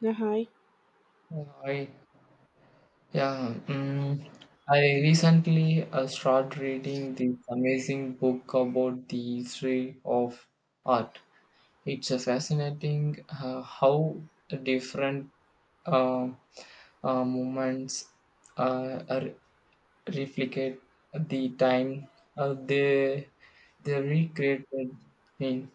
Yeah, hi, I yeah, mm I recently started reading this amazing book about the history of art. It's a fascinating how different uh, movements are replicate the time uh, they they recreated in.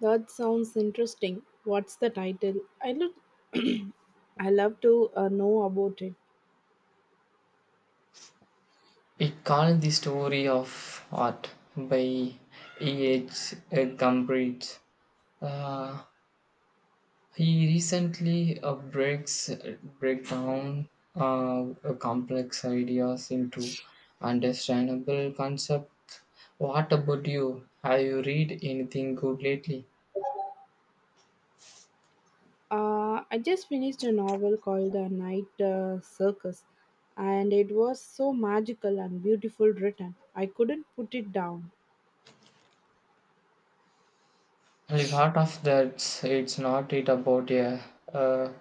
that sounds interesting. What's the title? I look, I love to know about it. It called the story of art by E. H. Gumbridge. He recently breaks break down complex ideas into understandable concepts. What about you? Have you read anything good lately? I just finished a novel called The Night Circus, and it was so magical and beautiful written. I couldn't put it down. Well, if out of that, it's not it about a uh,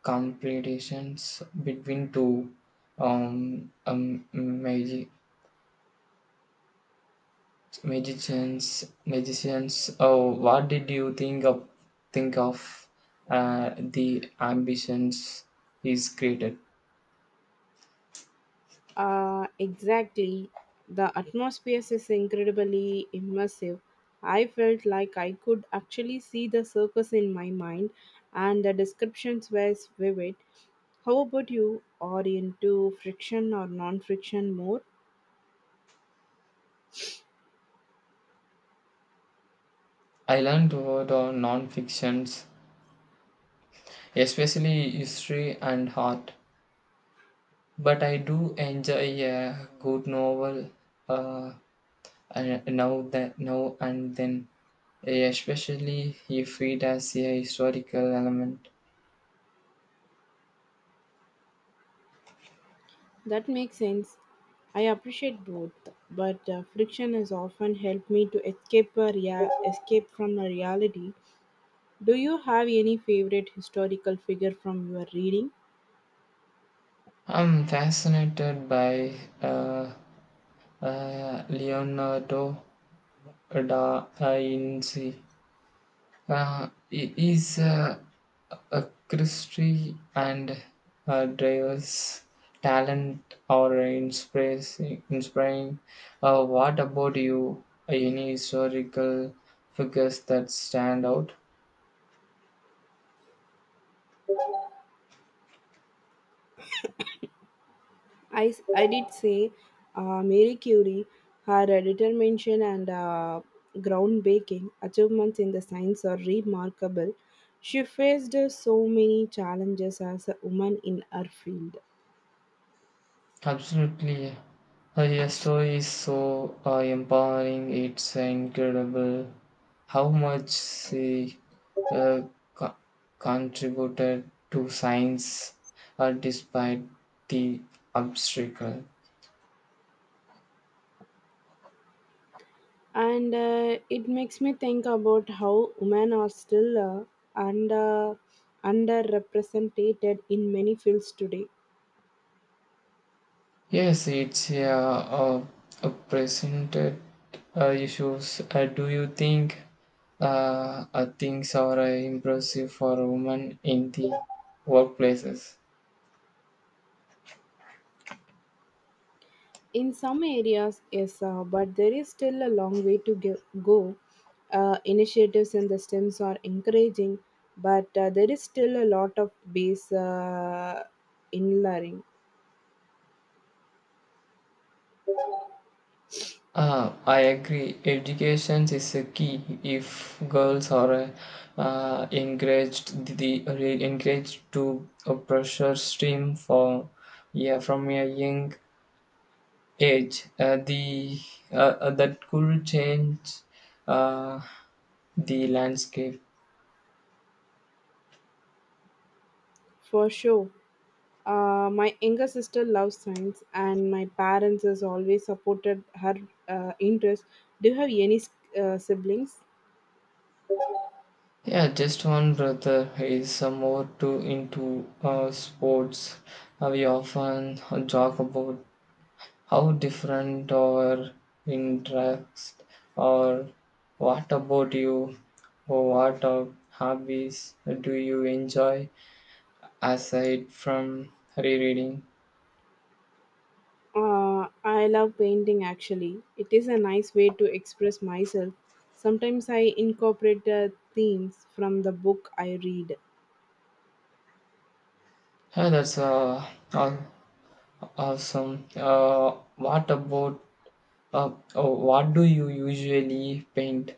competitions between two um, um, magi- Magicians, magicians. Oh, what did you think of? Think of the ambitions is created. Exactly, the atmosphere is incredibly immersive. I felt like I could actually see the circus in my mind, and the descriptions were vivid. How about you? Are into friction or non friction more? I learned about non-fictions, especially history and art. But I do enjoy a good novel uh, now and then, especially if it has a historical element. That makes sense. I appreciate both, but friction has often helped me to escape escape from a reality. Do you have any favorite historical figure from your reading? I'm fascinated by uh, Leonardo Da Vinci is a Christie and Dreyer's talent or inspiring. What about you? Any historical figures that stand out? I did say Mary Curie, her determination and groundbreaking achievements in the science are remarkable. She faced so many challenges as a woman in her field. Absolutely. Your story is so empowering. It's incredible how much she uh, co- contributed to science despite the obstacle. And it makes me think about how women are still under underrepresented in many fields today. Yes, it's uh, presented issues. Do you think things are impressive for women in the workplaces? In some areas yes, but there is still a long way to go. Uh, initiatives in the stems are encouraging, but there is still a lot of base in learning. Ah, I agree. Education is a key. If girls are encouraged to a pressure stream for yeah from a young age, the that could change uh, the landscape. For sure. My younger sister loves science, and my parents has always supported her interest. Do you have any siblings? Yeah, just one brother is more too into sports. We often joke about how different our interests are. What about you? What are hobbies do you enjoy aside from rereading? I love painting actually. It is a nice way to express myself. Sometimes I incorporate themes from the book I read. Yeah, that's aw- awesome. What about oh, what do you usually paint?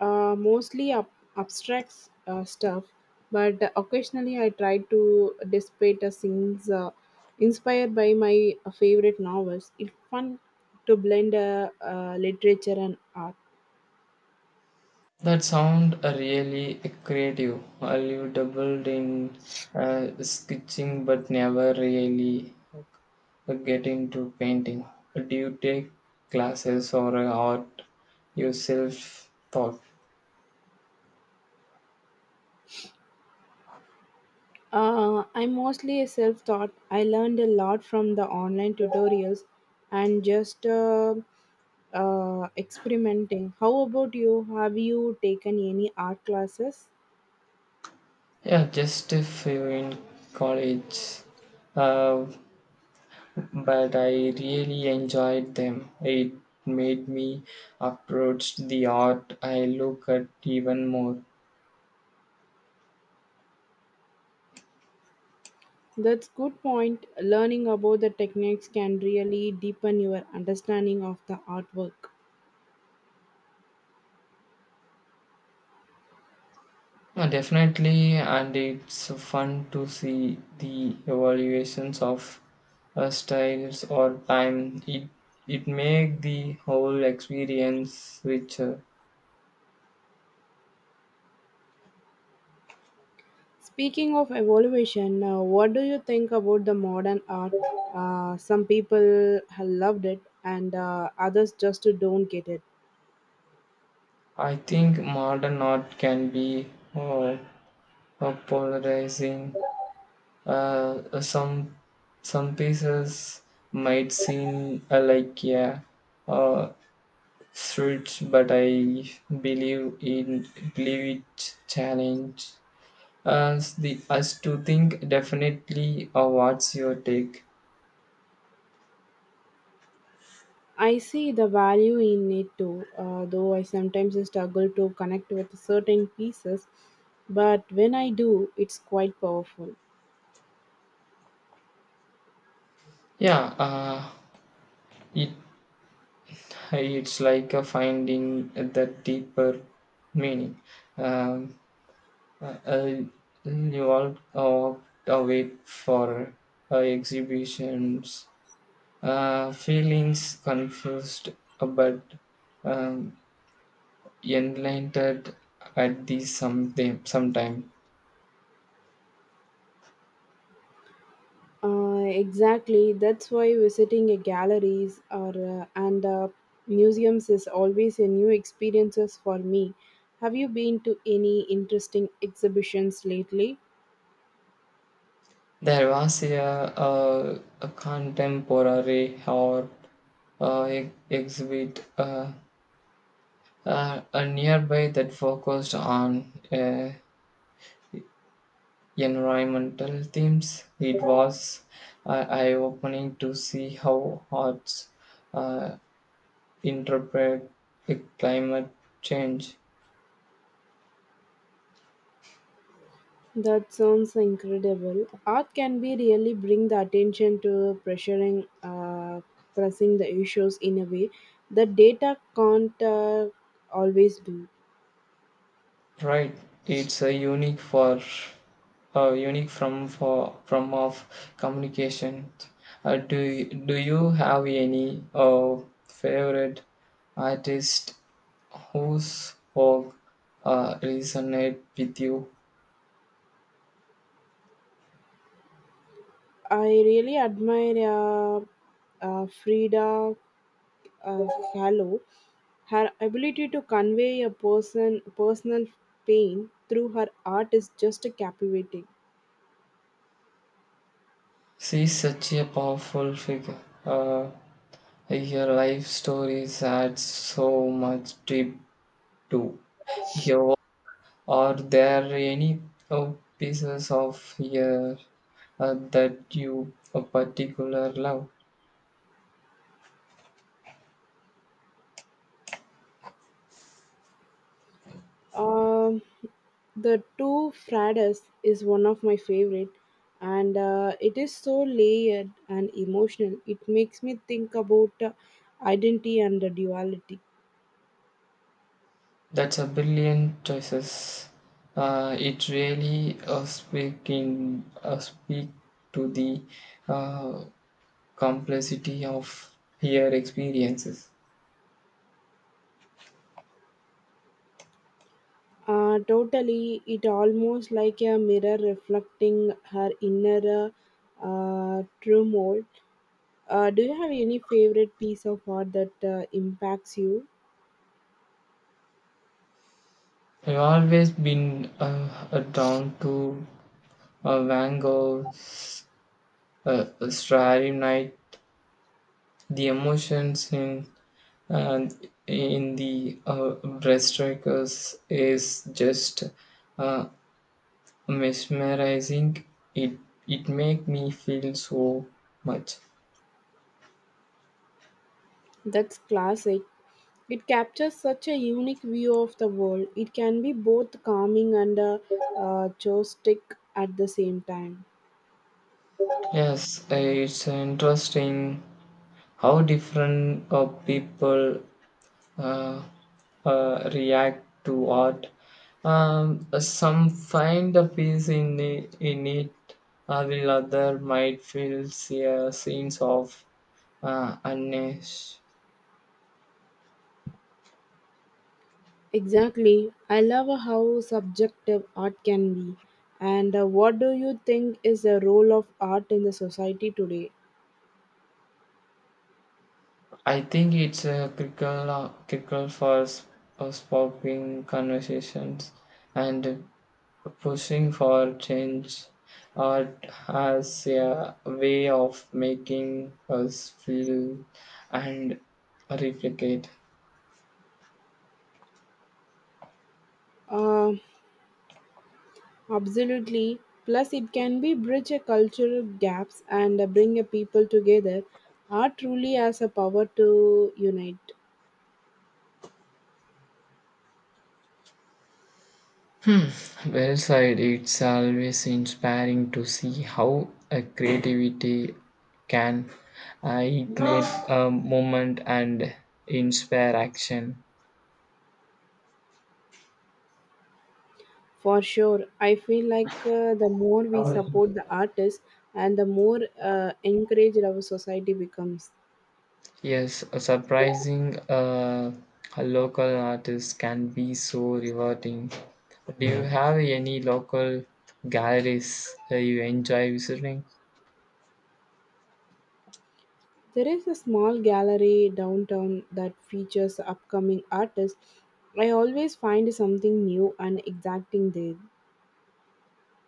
Mostly up, abstract stuff, but occasionally I try to dissipate a scenes inspired by my favorite novels. It's fun to blend literature and art. That sound really creative. You doubled in sketching, but never really get into painting? Do you take classes or art yourself thought? I'm mostly a self taught. I learned a lot from the online tutorials and just experimenting. How about you? Have you taken any art classes? Yeah, just a few in college. Uh, but I really enjoyed them. It made me approach the art I look at even more. That's good point. Learning about the techniques can really deepen your understanding of the artwork. Definitely, and it's fun to see the evaluations of styles or time. It make the whole experience richer. Speaking of evaluation, what do you think about the modern art? Some people have loved it, and others just don't get it. I think modern art can be uh, polarizing. Uh, uh, some some pieces might seem like yeah, uh, fruits, but I believe in believe it challenge us to think definitely. What's your take? I see the value in it too, though I sometimes struggle to connect with certain pieces. But when I do, it's quite powerful. Yeah, it it's like finding the deeper meaning. um, uh, uh, you all walked away for exhibitions feelings confused, but um, enlightened at the sometime. Exactly. That's why visiting a galleries or and museums is always a new experiences for me. Have you been to any interesting exhibitions lately? There was a contemporary or exhibit nearby that focused on environmental themes. It was eye-opening to see how arts uh, interpret climate change. That sounds incredible. Art can be really bring the attention to pressuring, pressing the issues in a way that data can't always do. Right, it's a unique for unique from for from of communication. Do you have any favorite artist whose work resonate with you? I really admire Frida uh, Kahlo, her ability to convey a person personal pain through her art is just captivating. She is such a powerful figure. Uh, Her life stories add so much deep to your work. Are there any uh, pieces of your that you a particular love? Um, the two Fridas is one of my favorite, and it is so layered and emotional. It makes me think about identity and the duality. That's a brilliant choices. It really speak to the uh, complexity of her experiences. Totally, it almost like a mirror reflecting her inner turmoil. Do you have any favorite piece of art that impacts you? I've always been drawn to Van Gogh's Starry Night, the emotions in and in the Breaststrikers is just uh, mesmerizing. It it make me feel so much. That's classic. It captures such a unique view of the world. It can be both calming and joystick at the same time. Yes, it's interesting how different people uh, react to art. Some find a peace in it, while other might feel a sense of unrest. Exactly. I love how subjective art can be. And what do you think is the role of art in the society today? I think it's a critical, critical for sparking conversations and pushing for change. Art has a way of making us feel and replicate. Um, Absolutely. Plus, it can be bridge a cultural gaps and bring a people together. Art truly has a power to unite. Hmm. Well said. It's always inspiring to see how a creativity can ignite a moment and inspire action. For sure, I feel like the more we support the artists and the more encouraged our society becomes. Yes, a surprising a local artist can be so rewarding. Do you have any local galleries you enjoy visiting? There is a small gallery downtown that features upcoming artists. I always find something new and exciting there.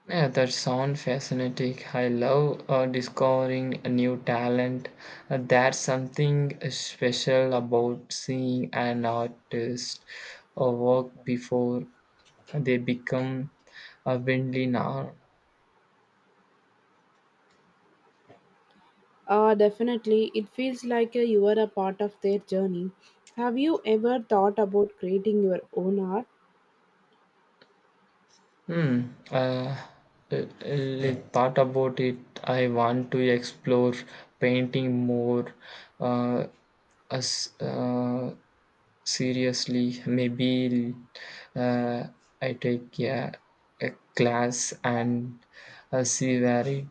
Yeah, that sounds fascinating. I love discovering a new talent. There's something special about seeing an artist work before they become a widely known. Definitely, it feels like you are a part of their journey. Have you ever thought about creating your own art? Hmm. Uh, Thought about it. I want to explore painting more. Uh, as Seriously, maybe uh, I take a class and see where it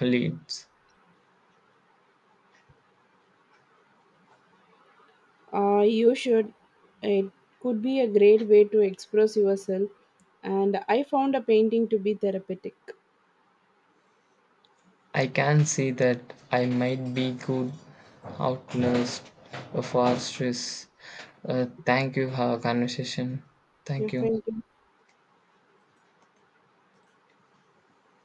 leads. You should. It could be a great way to express yourself, and I found a painting to be therapeutic. I can see that I might be good outlast for stress. Thank you for our conversation. Yeah, Thank you. thank you.